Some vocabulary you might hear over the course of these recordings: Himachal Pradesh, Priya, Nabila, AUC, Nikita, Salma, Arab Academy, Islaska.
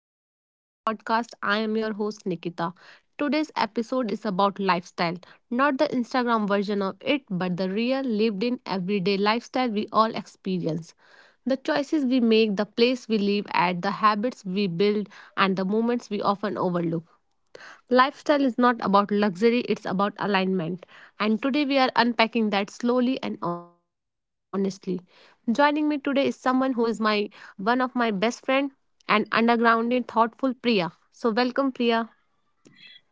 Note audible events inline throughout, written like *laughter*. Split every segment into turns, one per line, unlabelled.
back to the podcast. I am your host, Nikita. Today's episode is about lifestyle, not the Instagram version of it, but the real, lived in, everyday lifestyle we all experience. The choices we make, the place we live at, the habits we build, and the moments we often overlook. Lifestyle is not about luxury, it's about alignment. And today we are unpacking that slowly and honestly. Joining me today is someone who is my one of my best friend and underground thoughtful Priya. So welcome Priya.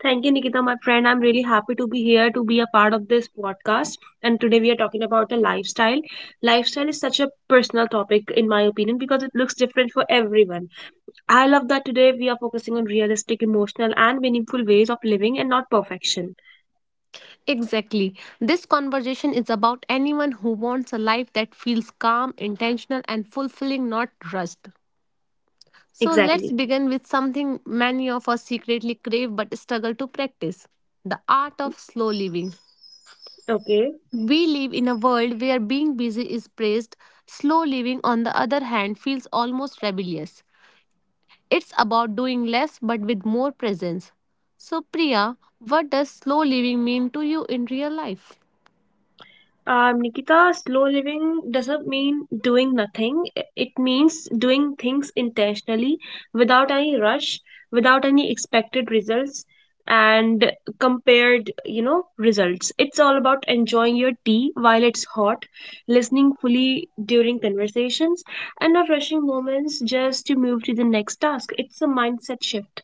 Thank you, Nikita, my friend. I'm really happy to be here to be a part of this podcast. And today we are talking about a lifestyle. Lifestyle is such a personal topic, in my opinion, because it looks different for everyone. I love that today we are focusing on realistic, emotional, and meaningful ways of living and not perfection.
Exactly. This conversation is about anyone who wants a life that feels calm, intentional and fulfilling, not rushed. So let's
Exactly.
begin with something many of us secretly crave but struggle to practice. The art of slow living.
Okay.
We live in a world where being busy is praised, slow living, on the other hand, feels almost rebellious. It's about doing less but with more presence. So, Priya, what does slow living mean to you in real life?
Nikita, slow living doesn't mean doing nothing. It means doing things intentionally, without any rush, without any expected results, and compared, you know, results. It's all about enjoying your tea while it's hot, listening fully during conversations, and not rushing moments just to move to the next task. It's a mindset shift.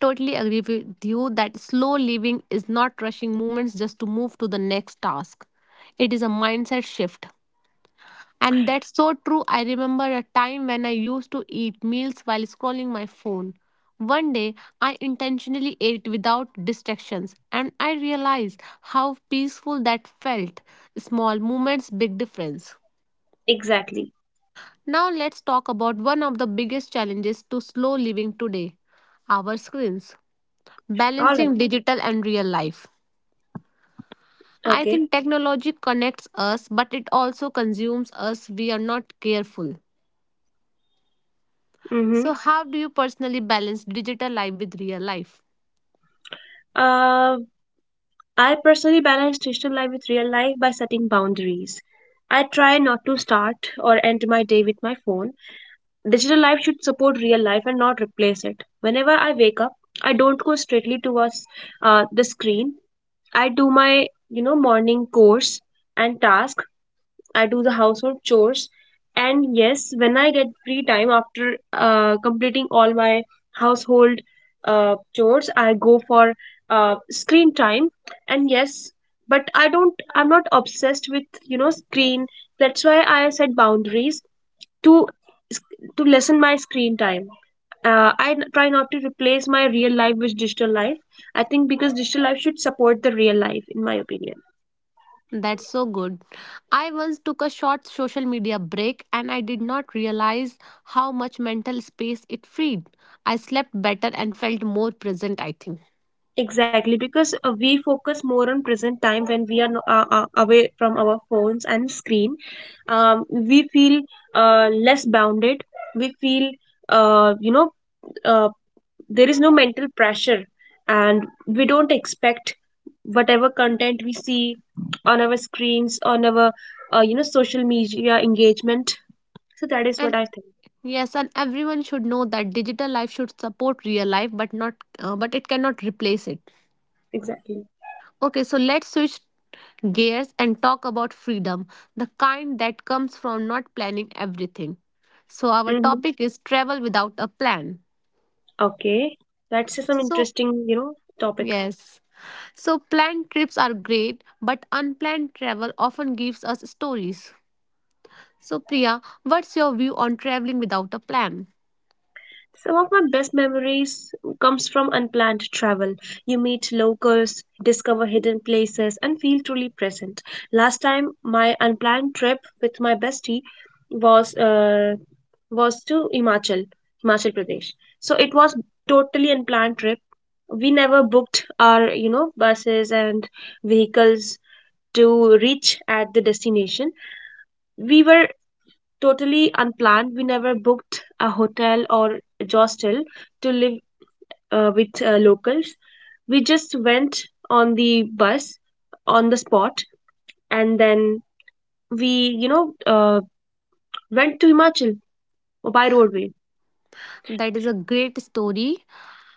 Totally agree with you that slow living is not rushing movements just to move to the next task. It is a mindset shift. And that's so true. I remember a time when I used to eat meals while scrolling my phone. One day, I intentionally ate without distractions, and I realized how peaceful that felt. Small moments, big difference.
Exactly.
Now, let's talk about one of the biggest challenges to slow living today our screens.
All right.
Balancing digital and real life. I
Okay.
think technology connects us, but it also consumes us. We are not careful.
Mm-hmm.
So, how do you personally balance digital life with real life?
Uh, I personally balance digital life with real life by setting boundaries. I try not to start or end my day with my phone. Digital life should support real life and not replace it. Whenever I wake up, I don't go straightly towards the screen. I do my, morning course and task. I do the household chores, and yes, when I get free time after completing all my household chores, I go for screen time. And yes, but I'm not obsessed with screen. That's why I set boundaries to to lessen my screen time. Try not to replace my real life with digital life. I think because digital life should support the real life, in my opinion.
That's so good. I once took a short social media break and I did not realize how much mental space it freed. I slept better and felt more present, I think.
Exactly, because we focus more on present time when we are away from our phones and screen. We feel less bounded. We feel, uh, you know, uh, there is no mental pressure, and we don't expect whatever content we see on our screens, on our, social media engagement. So that is what
And
I think.
yes, and everyone should know that digital life should support real life but not but it cannot replace it.
Exactly.
Okay, so let's switch gears and talk about freedom, the kind that comes from not planning everything. So, our
hmm
topic is travel without a plan.
Okay, that's some
So,
interesting, topic.
yes. So, planned trips are great, but unplanned travel often gives us stories. So, Priya, what's your view on traveling without a plan?
Some of my best memories comes from unplanned travel. You meet locals, discover hidden places and feel truly present. Last time my unplanned trip with my bestie was uh, was to Himachal Pradesh. So it was totally unplanned trip. We never booked our, buses and vehicles to reach at the destination. We were totally unplanned. We never booked a hotel or a hostel to live with locals. We just went on the bus on the spot, and then we went to Himachal by roadway.
That is a great story.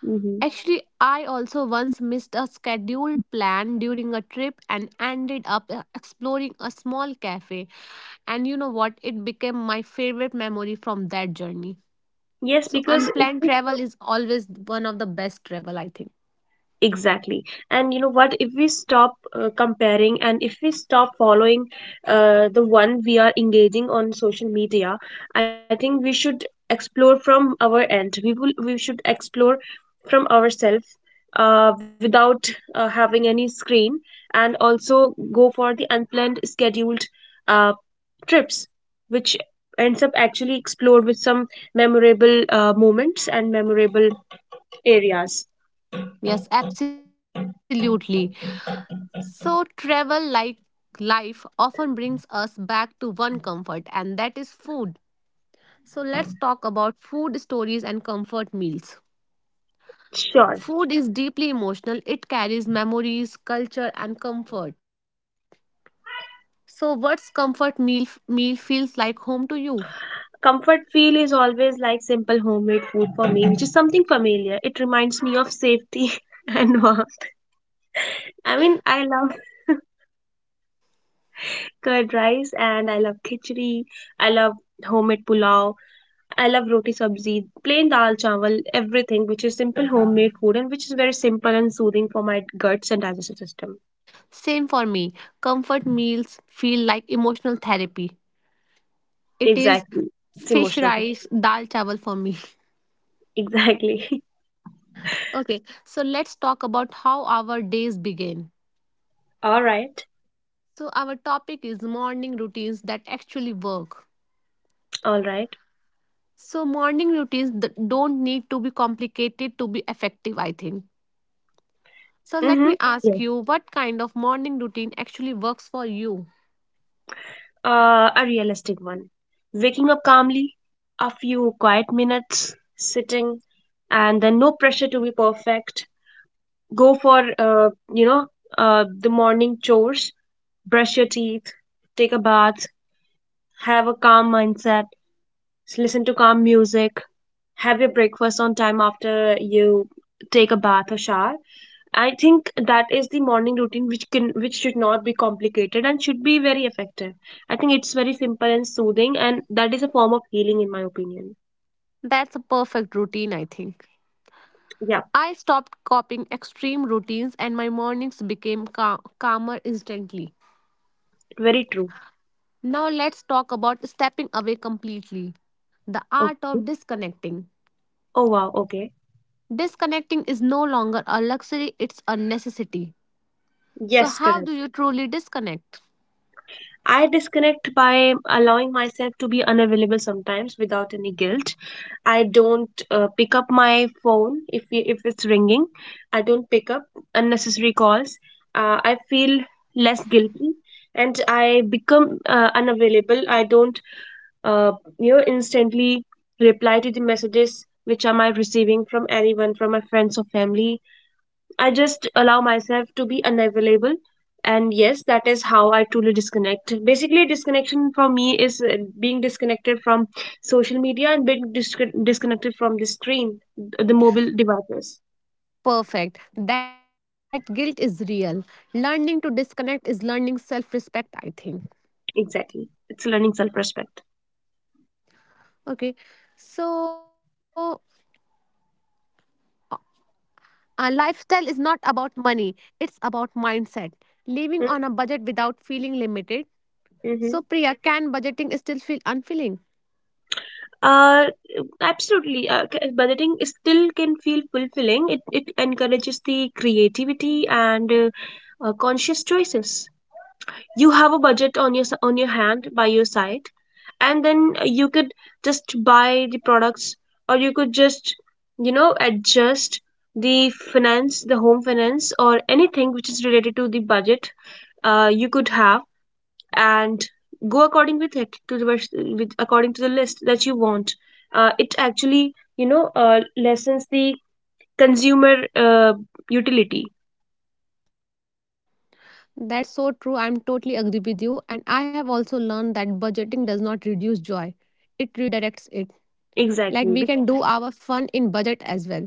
Mm-hmm.
Actually, I also once missed a scheduled plan during a trip and ended up exploring a small cafe. And you know what? It became my favorite memory from that journey.
Yes,
So,
because it
unplanned travel is always one of the best travel, I think.
Exactly. And you know what? If we stop comparing and if we stop following the one we are engaging on social media, I think we should explore from our end. We should explore from ourselves without having any screen and also go for the unplanned scheduled uh, trips, which ends up actually explored with some memorable moments and memorable areas.
Yes, absolutely. So, travel like life often brings us back to one comfort, and that is food. So, let's talk about food stories and comfort meals.
Sure.
Food is deeply emotional. It carries memories, culture, and comfort. So, what's comfort meal feels like home to you?
Comfort feel is always like simple homemade food for me, which is something familiar. It reminds me of safety *laughs* and warmth. I mean, I love curd rice and I love khichdi. I love homemade pulao. I love roti sabzi, plain dal chawal, everything which is simple homemade food and which is very simple and soothing for my guts and digestive system.
Same for me. Comfort meals feel like emotional therapy. It is
Exactly. It's
fish
emotional for me.
rice, dal chawal for me.
*laughs* Exactly. *laughs*
*laughs* Okay, so let's talk about how our days begin.
All right.
So, our topic is morning routines that actually work.
All right.
So, don't need to be complicated to be effective, I think. So let
Mm-hmm.
me ask
Yes.
you, what kind of morning routine actually works for you?
A realistic one. Waking up calmly, a few quiet minutes, sitting, and then no pressure to be perfect. Go for, the morning chores, brush your teeth, take a bath, have a calm mindset, listen to calm music, have your breakfast on time after you take a bath or shower. I think that is the morning routine which can which should not be complicated and should be very effective. I think it's very simple and soothing and that is a form of healing in my opinion.
That's a perfect routine, I think.
Yeah,
I stopped copying extreme routines and my mornings became calmer instantly.
very true.
Now let's talk about stepping away completely. The art
Okay.
of disconnecting.
Oh wow, okay.
Disconnecting is no longer a luxury, it's a necessity. So,
Yes,
how do
correct.
you truly disconnect?
I disconnect by allowing myself to be unavailable sometimes without any guilt. I don't pick up my phone if it's ringing. I don't pick up unnecessary calls. I feel less guilty and I become unavailable. I don't uh, instantly reply to the messages which am I receiving from anyone from my friends or family. I just allow myself to be unavailable. And yes, that is how I truly disconnect. Basically, disconnection for me is being disconnected from social media and being disconnected from the screen, the mobile devices.
Perfect. That guilt is real. Learning to disconnect is learning self respect, I think.
Exactly. It's learning self respect.
Okay. So, lifestyle is not about money, it's about mindset. Living on a budget without feeling limited. So,
Mm-hmm.
Priya, can budgeting still feel unfilling?
Uh, absolutely. Budgeting is still can feel fulfilling. It encourages the creativity and conscious choices. You have a budget on your hand by your side and then you could just buy the products or you could just, you know, adjust the finance, the home finance or anything which is related to the budget you could have and go according with it to the, with according to the list that you want. It actually, you know, lessens the consumer utility.
That's so true. I'm totally agree with you. And I have also learned that budgeting does not reduce joy, it redirects it. Like we
Exactly,
can do our fun in budget as well.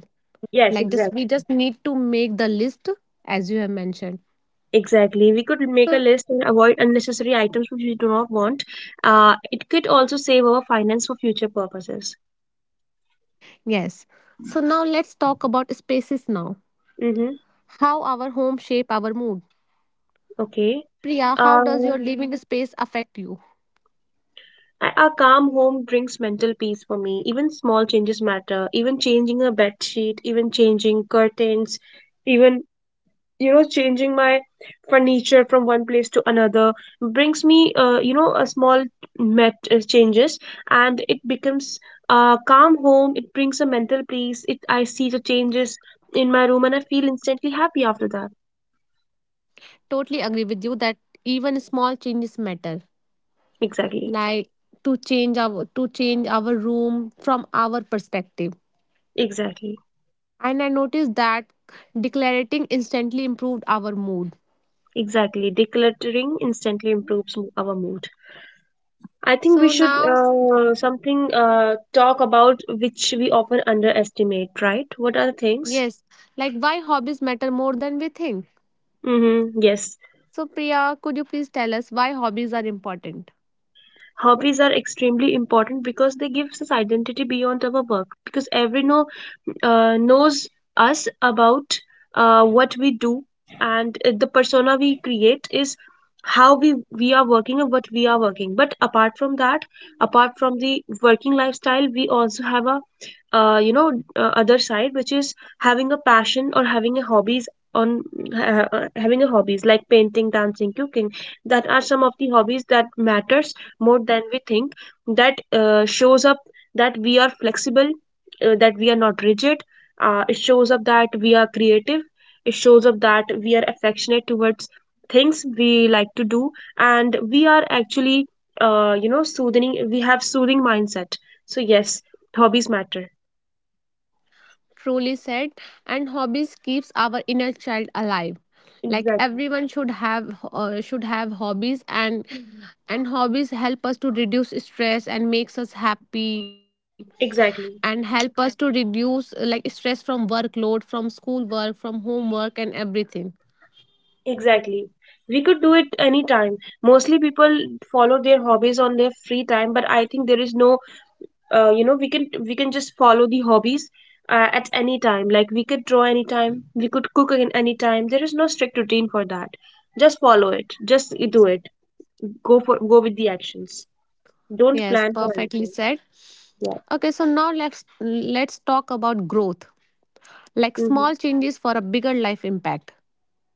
yes,
Like just
exactly.
we just need to make the list as you have mentioned.
Exactly. We could make a
So
list and avoid unnecessary items which we do not want. It could also save our finance for future purposes.
yes. So now let's talk about spaces now.
Mm-hmm.
How our home shape our mood.
Okay.
Priya, how
Uh,
does your living space affect you?
a calm home brings mental peace for me. Even small changes matter. Even changing a bed sheet, even changing curtains, even, you know, changing my furniture from one place to another, brings me, you know, a small met changes. And it becomes a calm home, it brings a mental peace. It I see the changes in my room and I feel instantly happy after that.
Totally agree with you that even small changes matter.
Exactly.
Like to change our room from our perspective.
Exactly.
And I noticed that declarating instantly improved our mood.
Exactly, decluttering instantly improves our mood. I think we
So
should
now
something talk about which we often underestimate, right? What are the things?
yes, like why hobbies matter more than we think.
Mm-hmm, yes.
So, Priya, could you please tell us why hobbies are important?
Hobbies are extremely important because they give us identity beyond our work, because everyone knows us about what we do. And the persona we create is how we are working and what we are working. But apart from that, apart from the working lifestyle, we also have a, uh, you know other side, which is having a passion or having a hobbies on, uh, having a hobbies like painting, dancing, cooking. That are some of the hobbies that matters more than we think. That shows up that we are flexible, that we are not rigid, it shows up that we are creative, it shows up that we are affectionate towards things we like to do, and we are actually, soothing, we have soothing mindset. So yes, hobbies matter.
Truly said, and hobbies keeps our inner child alive. Like
Exactly.
everyone should have hobbies, and hobbies help us to reduce stress and makes us happy, and
Exactly.
help us to reduce like stress from workload, from school work, from homework, and everything.
Exactly, we could do it anytime. Mostly people follow their hobbies on their free time, but I think there is no, we can, just follow the hobbies at any time. Like we could draw anytime, we could cook again anytime, there is no strict routine for that. Just follow it, just do it. Go with the actions. Don't
Yes,
plan for
perfectly
anything.
said.
Yeah.
Okay, so now let's talk about growth like
Mm-hmm.
small changes for a bigger life impact.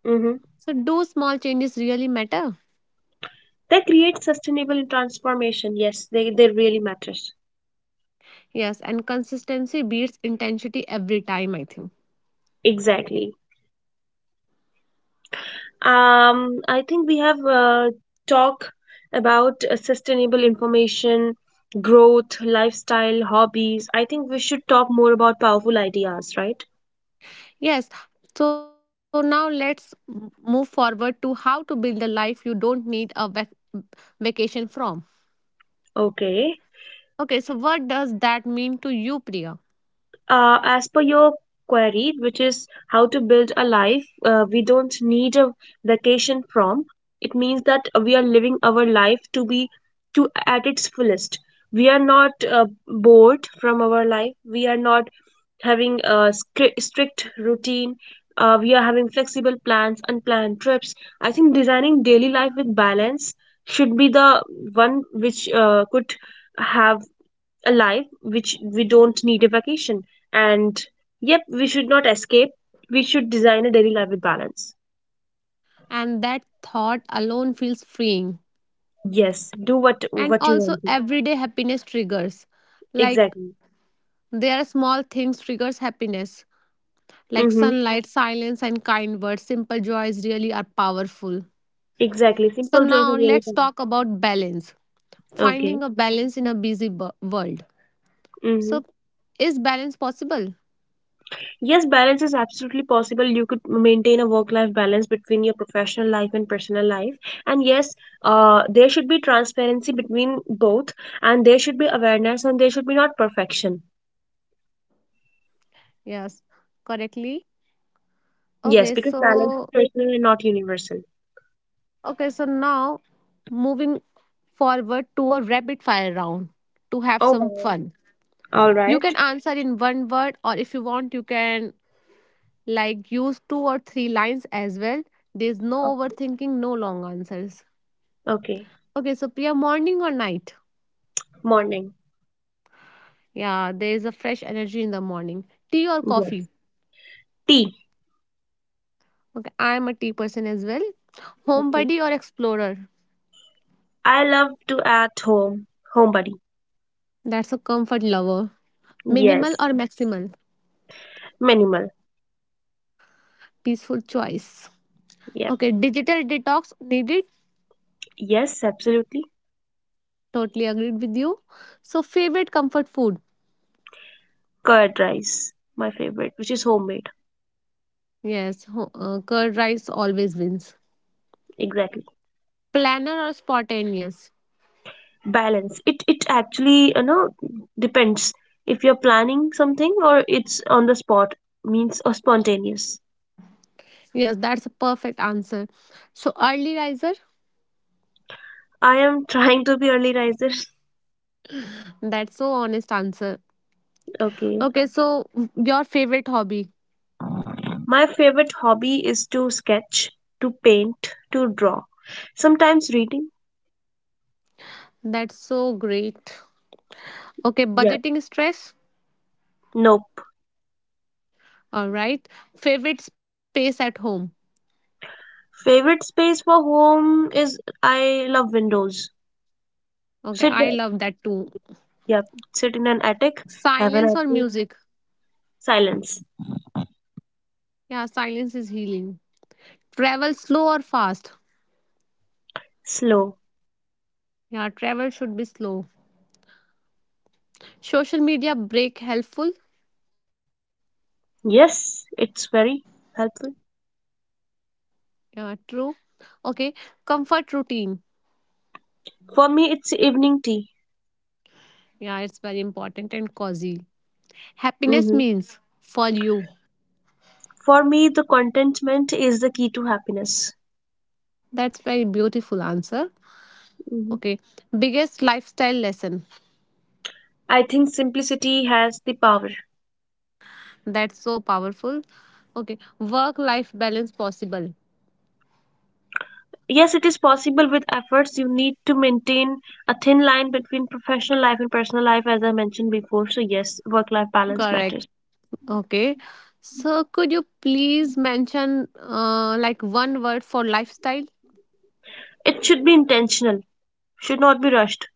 Mm-hmm.
So, do small changes really matter?
They create sustainable transformation. Yes, they really matters.
Yes, and consistency beats intensity every time, I think.
Exactly. I think we have talked about sustainable information, growth, lifestyle, hobbies. I think we should talk more about powerful ideas, right?
Yes, so now move forward to how to build a life you don't need a vacation from.
Okay.
Okay, so what does that mean to you, Priya?
As per your query, which is how to build a life we don't need a vacation from, it means that we are living our life to be, to at its fullest. We are not bored from our life. We are not having a strict routine. We are having flexible plans, unplanned trips. I think designing daily life with balance should be the one which could have a life which we don't need a vacation. And yep, we should not escape. We should design a daily life with balance.
And that thought alone feels freeing.
Yes, do what
And
what you
also,
want to.
everyday happiness triggers. Like,
Exactly.
there are small things triggers happiness. Like
Mm-hmm.
sunlight, silence, and kind words. Simple joys really are powerful.
Exactly.
So,
Simple joys
now
are really
let's
powerful.
talk about balance.
Okay.
Finding a balance in a world.
Mm-hmm.
So, is balance possible?
Yes, balance is absolutely possible. You could maintain a work life balance between your professional life and personal life. And yes, there should be transparency between both, and there should be awareness, and there should be not perfection.
Yes, correctly.
Yes,
Okay,
because balance is
so
personal and not universal.
okay, so now moving forward to a rapid fire round to have
Oh,
some
wow.
fun.
All
You
right.
can answer in one word, or if you want, you can use two or three lines as well. There's no
O-
overthinking, no long answers.
Okay.
Okay, so Priya, morning or night?
Morning.
Yeah, there is a fresh energy in the morning. Tea or coffee?
Yes. Tea.
Okay, I am a tea person as well.
Okay.
Homebody or explorer?
I love to at home. Homebody.
That's a comfort lover. Minimal
Yes.
or maximal?
Minimal.
Peaceful choice.
Yep.
Okay, digital detox needed.
Yes, absolutely.
Totally agreed with you. So, favorite comfort food?
Curd rice. My favorite, which is homemade.
Curd rice always wins.
Exactly.
Planner or spontaneous?
Balance it. It actually, you know, depends if you're planning something or it's on the spot, means or spontaneous.
Yes, that's a perfect answer. So, early riser?
I am *laughs* trying to be early riser.
That's so honest answer.
*laughs* Okay.
Okay, so your favorite hobby.
My favorite hobby is to sketch, to paint, to draw, sometimes reading.
That's so great. Okay,
Yeah,
budgeting stress.
nope.
All right. Favorite space at home.
Favorite space for home is, I love windows,
Okay,
sit
I
there.
love that too.
Yep, sit in an attic, have an
Silence or
attic.
music.
Silence.
Yeah, silence is healing. Travel slow or fast.
Slow.
Yeah, travel should be slow. Social media break helpful.
Yes, it's very helpful.
Yeah, true. Okay, comfort routine.
For me, it's evening tea.
Yeah, it's very important and cozy. Happiness
Hmm.
means for you.
For me, the contentment is the key to happiness.
That's very beautiful answer.
Mhm.
Okay, biggest lifestyle lesson.
I think simplicity has the power.
That's so powerful. Okay. Work life balance possible.
Yes, it is possible with efforts. You need to maintain a thin line between professional life and personal life, as I mentioned before. So, yes, work life balance
Correct.
matters.
Okay. So could you please mention like one word for lifestyle?
It should be intentional, should not be rushed.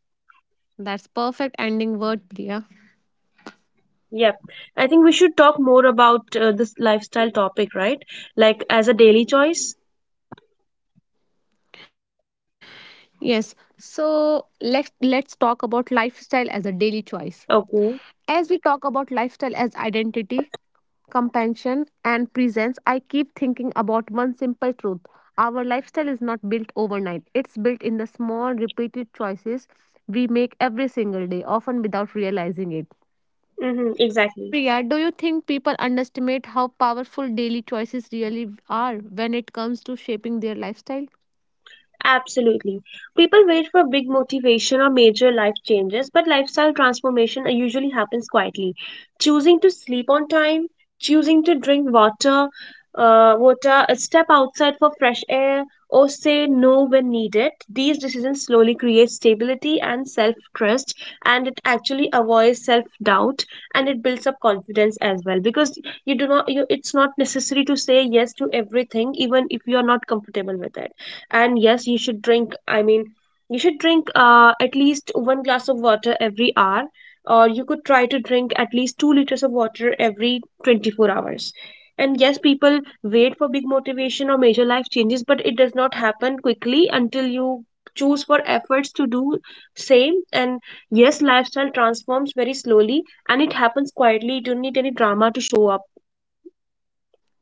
That's perfect ending word, Priya.
Yep. I think we should talk more about this lifestyle topic, right? Like as a daily choice.
Yes. So let's talk about lifestyle as a daily choice.
Okay.
As we talk about lifestyle as identity, compassion, and presence, I keep thinking about one simple truth. Our lifestyle is not built overnight, it's built in the small, repeated choices we make every single day, often without realizing it.
Mm-hmm, exactly.
Priya, do you think people underestimate how powerful daily choices really are when it comes to shaping their lifestyle?
Absolutely. People wait for big motivation or major life changes, but lifestyle transformation usually happens quietly. Choosing to sleep on time, choosing to drink water, step outside for fresh air, or say no when needed. These decisions slowly create stability and self trust, and it actually avoids self doubt, and it builds up confidence as well. Because you do not, you, it's not necessary to say yes to everything, even if you are not comfortable with it. And yes, you should drink at least one glass of water every hour, or you could try to drink at least 2 liters of water every 24 hours. And yes, people wait for big motivation or major life changes, but it does not happen quickly until you choose for efforts to do same. And yes, lifestyle transforms very slowly, and it happens quietly. You don't need any drama to show up.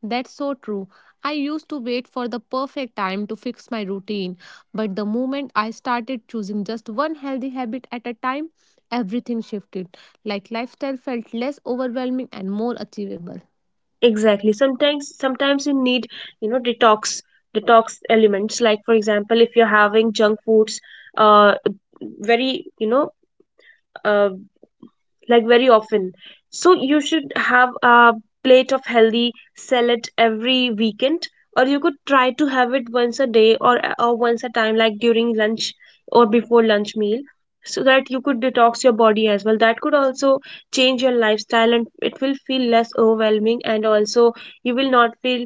That's so true. I used to wait for the perfect time to fix my routine, but the moment I started choosing just one healthy habit at a time, everything shifted. Like lifestyle felt less overwhelming and more achievable.
Exactly. Sometimes you need you know detox elements, like for example, if you're having junk foods, uh very, you know, uh like very often. So you should have a plate of healthy salad every weekend, or you could try to have it once a day, or once a time, like during lunch or before lunch meal, so that you could detox your body as well. That could also change your lifestyle, and it will feel less overwhelming, and also you will not feel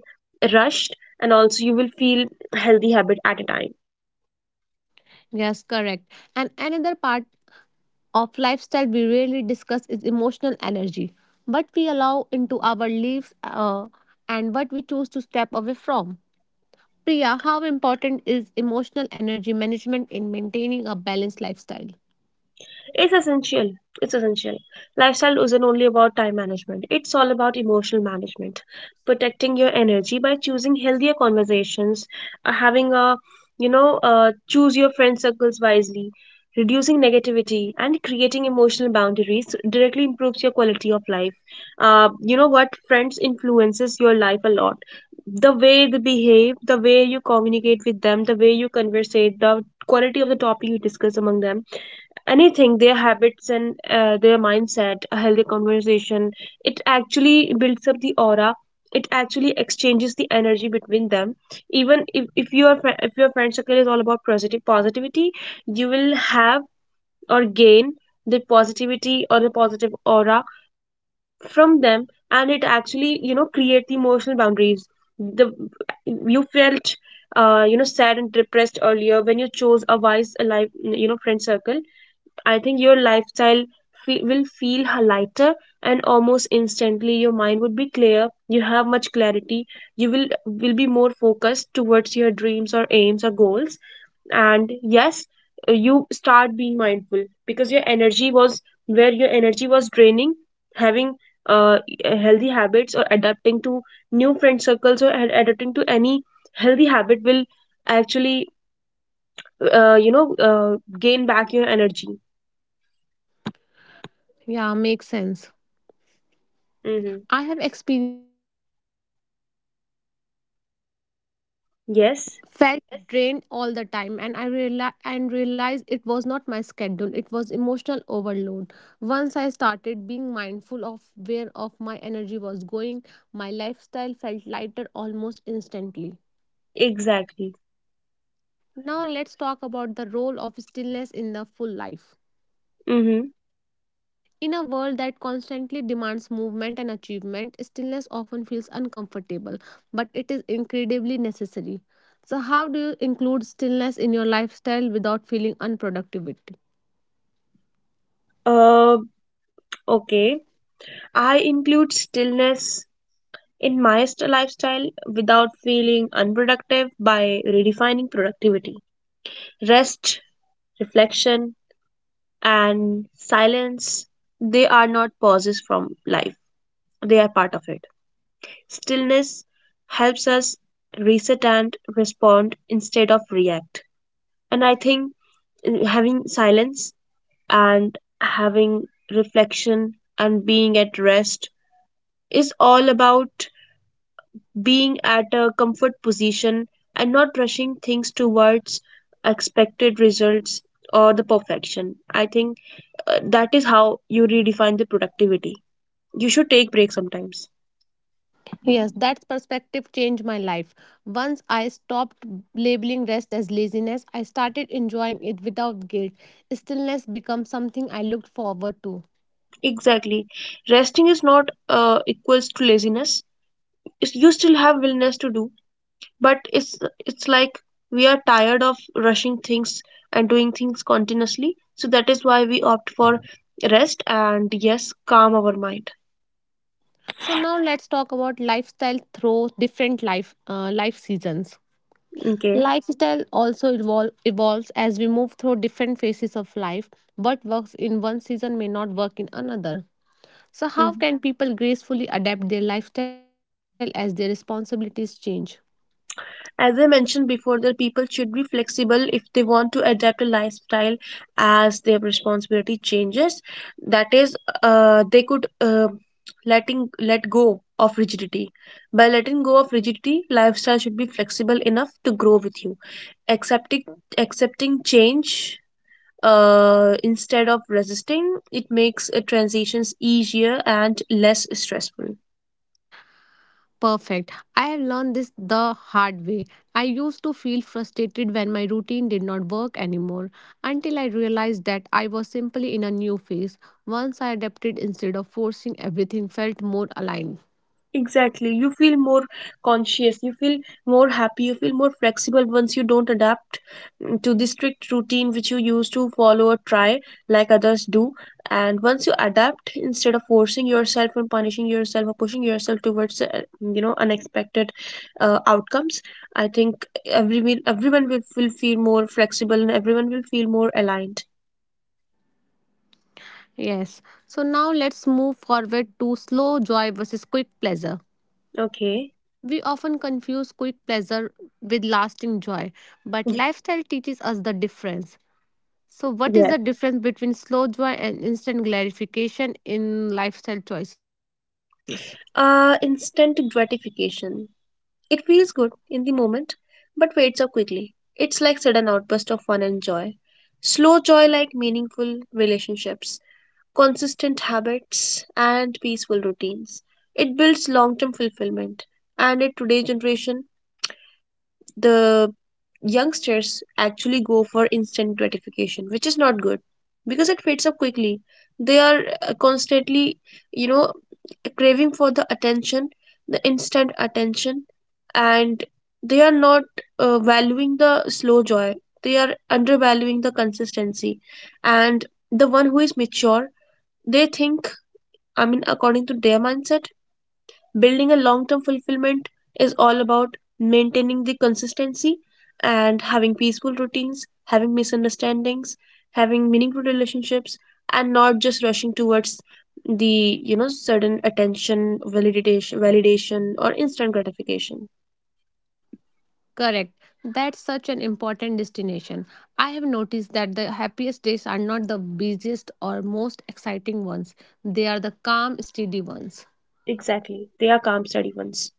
rushed, and also you will feel healthy habit at a time.
Yes, correct. And another part of lifestyle we rarely discuss is emotional energy, what we allow into our lives and what we choose to step away from. Priya, how important is emotional energy management in maintaining a balanced lifestyle?
It's essential. It's essential. Lifestyle isn't only about time management, it's all about emotional management. Protecting your energy by choosing healthier conversations, uh, having a, you know, choose your friend circles wisely, reducing negativity, and creating emotional boundaries directly improves your quality of life. You know what? Friends influences your life a lot. The way they behave, the way you communicate with them, the way you conversate, the quality of the topic you discuss among them, anything, their habits and their mindset, a healthy conversation, it actually builds up the aura, it actually exchanges the energy between them. Even if your if your friend circle is all about positive positivity, you will have or gain the positivity or the positive aura from them. And it actually, you know, create the emotional boundaries. The You felt, you know, sad and depressed earlier. When you chose a wise alive, you know, friend circle, I think your lifestyle will feel lighter, and almost instantly your mind would be clear. You have much clarity. You will be more focused towards your dreams or aims or goals. And yes, you start being mindful because your energy was where your energy was draining. Having uh, healthy habits or adapting to new friend circles or adapting to any healthy habit will actually, uh, you know uh, gain back your energy.
Yeah, makes sense.
Mhm.
I have experienced
Yes,
Felt drained all the time, and I realized and realized it was not my schedule, it was emotional overload. Once I started being mindful of where of my energy was going, my lifestyle felt lighter almost instantly.
exactly.
Now let's talk about the role of stillness in the full life.
Mm-hmm.
In a world that constantly demands movement and achievement, stillness often feels uncomfortable, but it is incredibly necessary. So how do you include stillness in your lifestyle without feeling unproductivity?
Uh, okay. I include stillness in my lifestyle without feeling unproductive by redefining productivity. Rest, reflection, and silence, they are not pauses from life, they are part of it. Stillness helps us reset and respond instead of react. And I think, having silence and having reflection and being at rest is all about being at a comfort position and not rushing things towards expected results or the perfection. I think that is how you redefine the productivity. You should take breaks sometimes.
Yes, that perspective changed my life. Once I stopped labeling rest as laziness, I started enjoying it without guilt. Stillness became something I looked forward to.
Exactly. Resting is not equals to laziness. It's- You still have willingness to do, but it's like we are tired of rushing things and doing things continuously, so that is why we opt for rest and yes calm our mind.
So now let's talk about lifestyle through different life life seasons.
Okay.
Lifestyle also evolves as we move through different phases of life. What works in one season may not work in another. So, how
Mhm.
can people gracefully adapt their lifestyle as their responsibilities change?
As I mentioned before, the people should be flexible if they want to adapt a lifestyle as their responsibility changes. That is, they could letting let go of rigidity. By letting go of rigidity, lifestyle should be flexible enough to grow with you. accepting Accepting change, instead of resisting, it makes transitions easier and less stressful.
Perfect. I have learned this the hard way. I used to feel frustrated when my routine did not work anymore until I realized that I was simply in a new phase. Once I adapted instead of forcing, everything felt more aligned.
Exactly. You feel more conscious, you feel more happy, you feel more flexible once you don't adapt, mm, to the strict routine which you used to follow or try like others do. And once you adapt, instead of forcing yourself and punishing yourself or pushing yourself towards, unexpected outcomes, I think everyone will feel more flexible and everyone will feel more aligned.
Yes. So now let's move forward to slow joy versus quick pleasure.
Okay.
We often confuse quick pleasure with lasting joy, but lifestyle teaches us the difference. So, what is
Yes.
the difference between slow joy and instant gratification in lifestyle choices?
Instant gratification. It feels good in the moment, but fades up quickly. It's like sudden outburst of fun and joy. Slow joy, like meaningful relationships, consistent habits, and peaceful routines. It builds long-term fulfillment. And in today's generation, the youngsters actually go for instant gratification, which is not good because it fades up quickly. They are constantly, you know, craving for the attention, the instant attention, and they are not valuing the slow joy. They are undervaluing the consistency. And the one who is mature, they think, I mean, according to their mindset, building a long term fulfillment is all about maintaining the consistency and having peaceful routines, having misunderstandings, having meaningful relationships, and not just rushing towards the, you know, sudden attention validation or instant gratification.
Correct. That's such an important distinction. I have noticed that the happiest days are not the busiest or most exciting ones, they are the calm, steady ones.
Exactly, they are calm steady ones.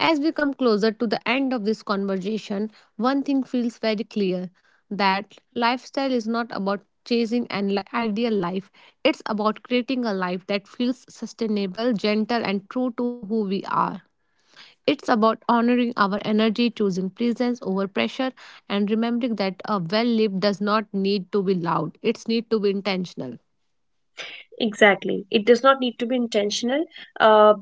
As we come closer to the end of this conversation, one thing feels very clear that lifestyle is not about chasing ideal life, it's about creating a life that feels sustainable, gentle, and true to who we are. It's about honoring our energy, choosing presence over pressure, and remembering that a well lived does not need to be loud. It's need to be intentional.
Exactly. It does not need to be intentional. Uh,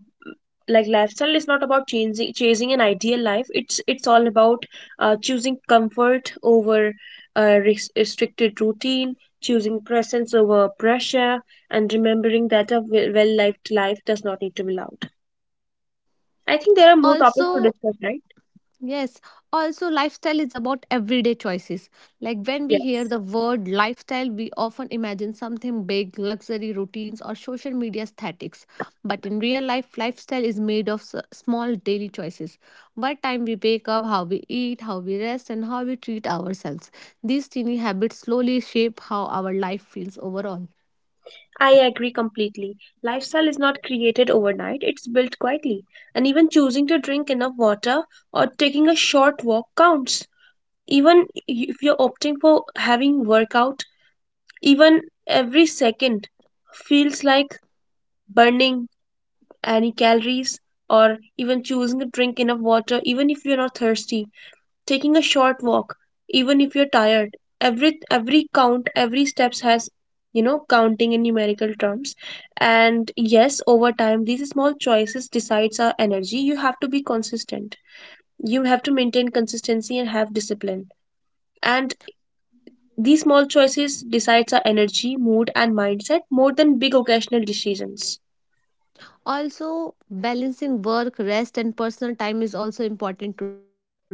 like lifestyle is not about chasing an ideal life. It's all about choosing comfort over restricted routine, choosing presence over pressure, and remembering that a well lived life does not need to be loud. I think there are more topics to
Also,
discuss, right?
yes, also lifestyle is about everyday choices. Like when we hear
Yes.
the word lifestyle, we often imagine something big, luxury routines, or social media aesthetics. But in real life, lifestyle is made of small daily choices. What time we wake up, how we eat, how we rest, and how we treat ourselves. These teeny habits slowly shape how our life feels overall.
I agree completely. Lifestyle is not created overnight, it's built quietly. And even choosing to drink enough water or taking a short walk counts. Even if you're opting for having workout, even every second feels like burning any calories. Or even choosing to drink enough water even if you're not thirsty, taking a short walk even if you're tired, every count, every steps has, you know, counting in numerical terms. And yes, over time these small choices decides our energy. You have to be consistent, you have to maintain consistency and have discipline. And these small choices decides our energy, mood and mindset more than big occasional decisions.
Also, balancing work, rest, and personal time is also important to discuss.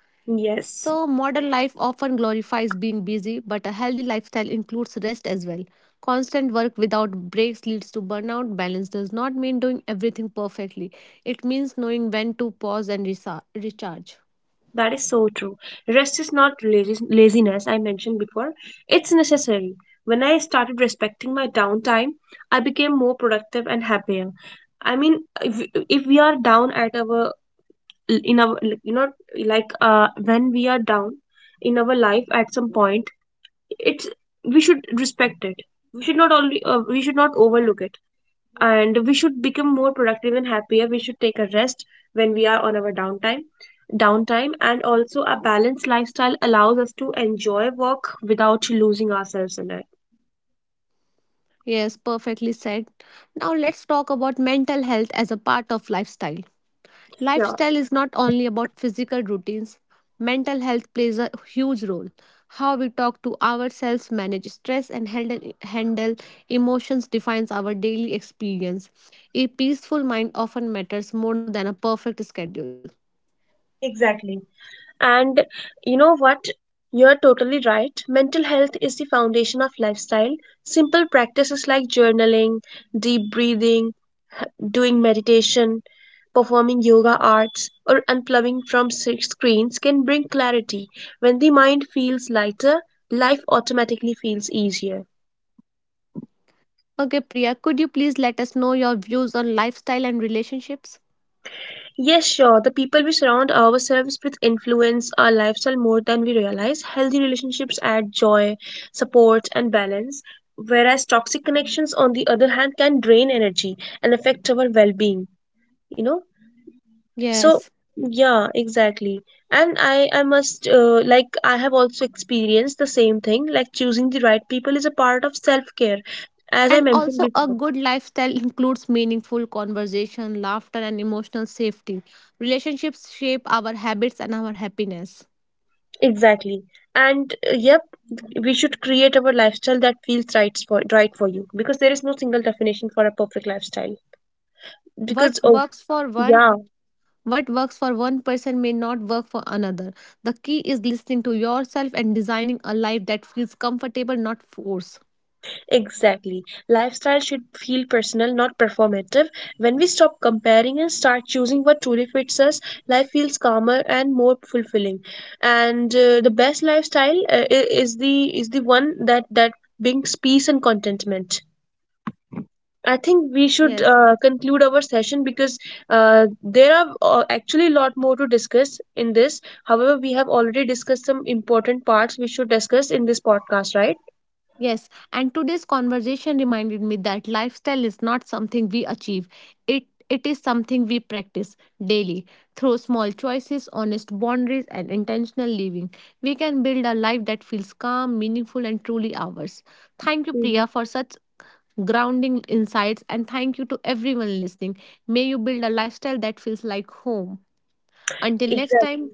So,
Yes,
modern life often glorifies being busy, but a healthy lifestyle includes rest as well. Constant work without breaks leads to burnout. Balance does not mean doing everything perfectly, it means knowing when to pause and recharge.
that is so true. Rest is not laziness, I mentioned before. It's necessary. When I started respecting my downtime, I became more productive and happier. I mean, if we are down at our, in our, like, you know, like when we are down in our life at some point, it's, we should respect it. We should not only, we should not overlook it, and we should become more productive and happier. We should take a rest when we are on our downtime. And also a balanced lifestyle allows us to enjoy work without losing ourselves in it.
Yes, perfectly said. Now, let's talk about mental health as a part of lifestyle.
Yeah.
Lifestyle is not only about physical routines, mental health plays a huge role. How we talk to ourselves, manage stress, and handle emotions defines our daily experience. A peaceful mind often matters more than a perfect schedule.
Exactly. And you know what? You're totally right. Mental health is the foundation of lifestyle. Simple practices like journaling, deep breathing, doing meditation, performing yoga arts, or unplugging from screens can bring clarity. When the mind feels lighter, life automatically feels easier.
Okay, Priya, could you please let us know your views on lifestyle and relationships?
Yes, sure, the people we surround ourselves with influence our lifestyle more than we realize. Healthy relationships add joy, support, and balance. Whereas toxic connections, on the other hand, can drain energy and affect our well being. You know, so
Yes.
yeah, exactly. And I must, like, I have also experienced the same thing. Like choosing the right people is a part of self care, as I
And
mentioned
also, a
before.
good lifestyle includes meaningful conversation, laughter, and emotional safety. Relationships shape our habits and our happiness.
Exactly. And yep, we should create our lifestyle that feels right for you, because there is no single definition for a perfect lifestyle.
What
Because oh,
works for one
yeah.
what works for one person may not work for another. The key is listening to yourself and designing a life that feels comfortable, not forced.
Exactly. Lifestyle should feel personal, not performative. When we stop comparing and start choosing what truly fits us, life feels calmer and more fulfilling. And the best lifestyle, is the one that brings peace and contentment. I
Yes.
think we should conclude our session, because there are actually a lot more to discuss in this. However, we have already discussed some important parts we should discuss in this podcast, right?
Yes, and today's conversation reminded me that lifestyle is not something we achieve. It is something we practice daily through small choices, honest boundaries and intentional living. We can build a life that feels calm, meaningful and truly ours. Thank you
Hmm.
Priya for such grounding insights and thank you to everyone listening. May you build a lifestyle that feels like home. Until next
Exactly.
time,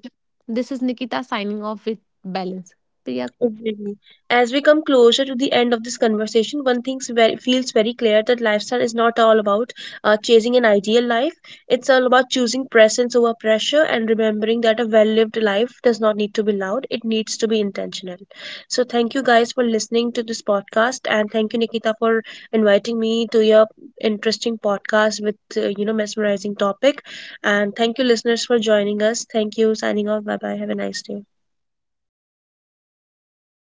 this is Nikita signing off with Balance. Priya
Exactly. As we come closer to the end of this conversation, one thing feels very clear, that lifestyle is not all about chasing an ideal life. It's all about choosing presence over pressure and remembering that a well lived life does not need to be loud, it needs to be intentional. So, thank you guys for listening to this podcast, and thank you, Nikita, for inviting me to your interesting podcast with, mesmerizing topic. And thank you, listeners, for joining us. Thank you, signing off. Bye bye. Have a nice day.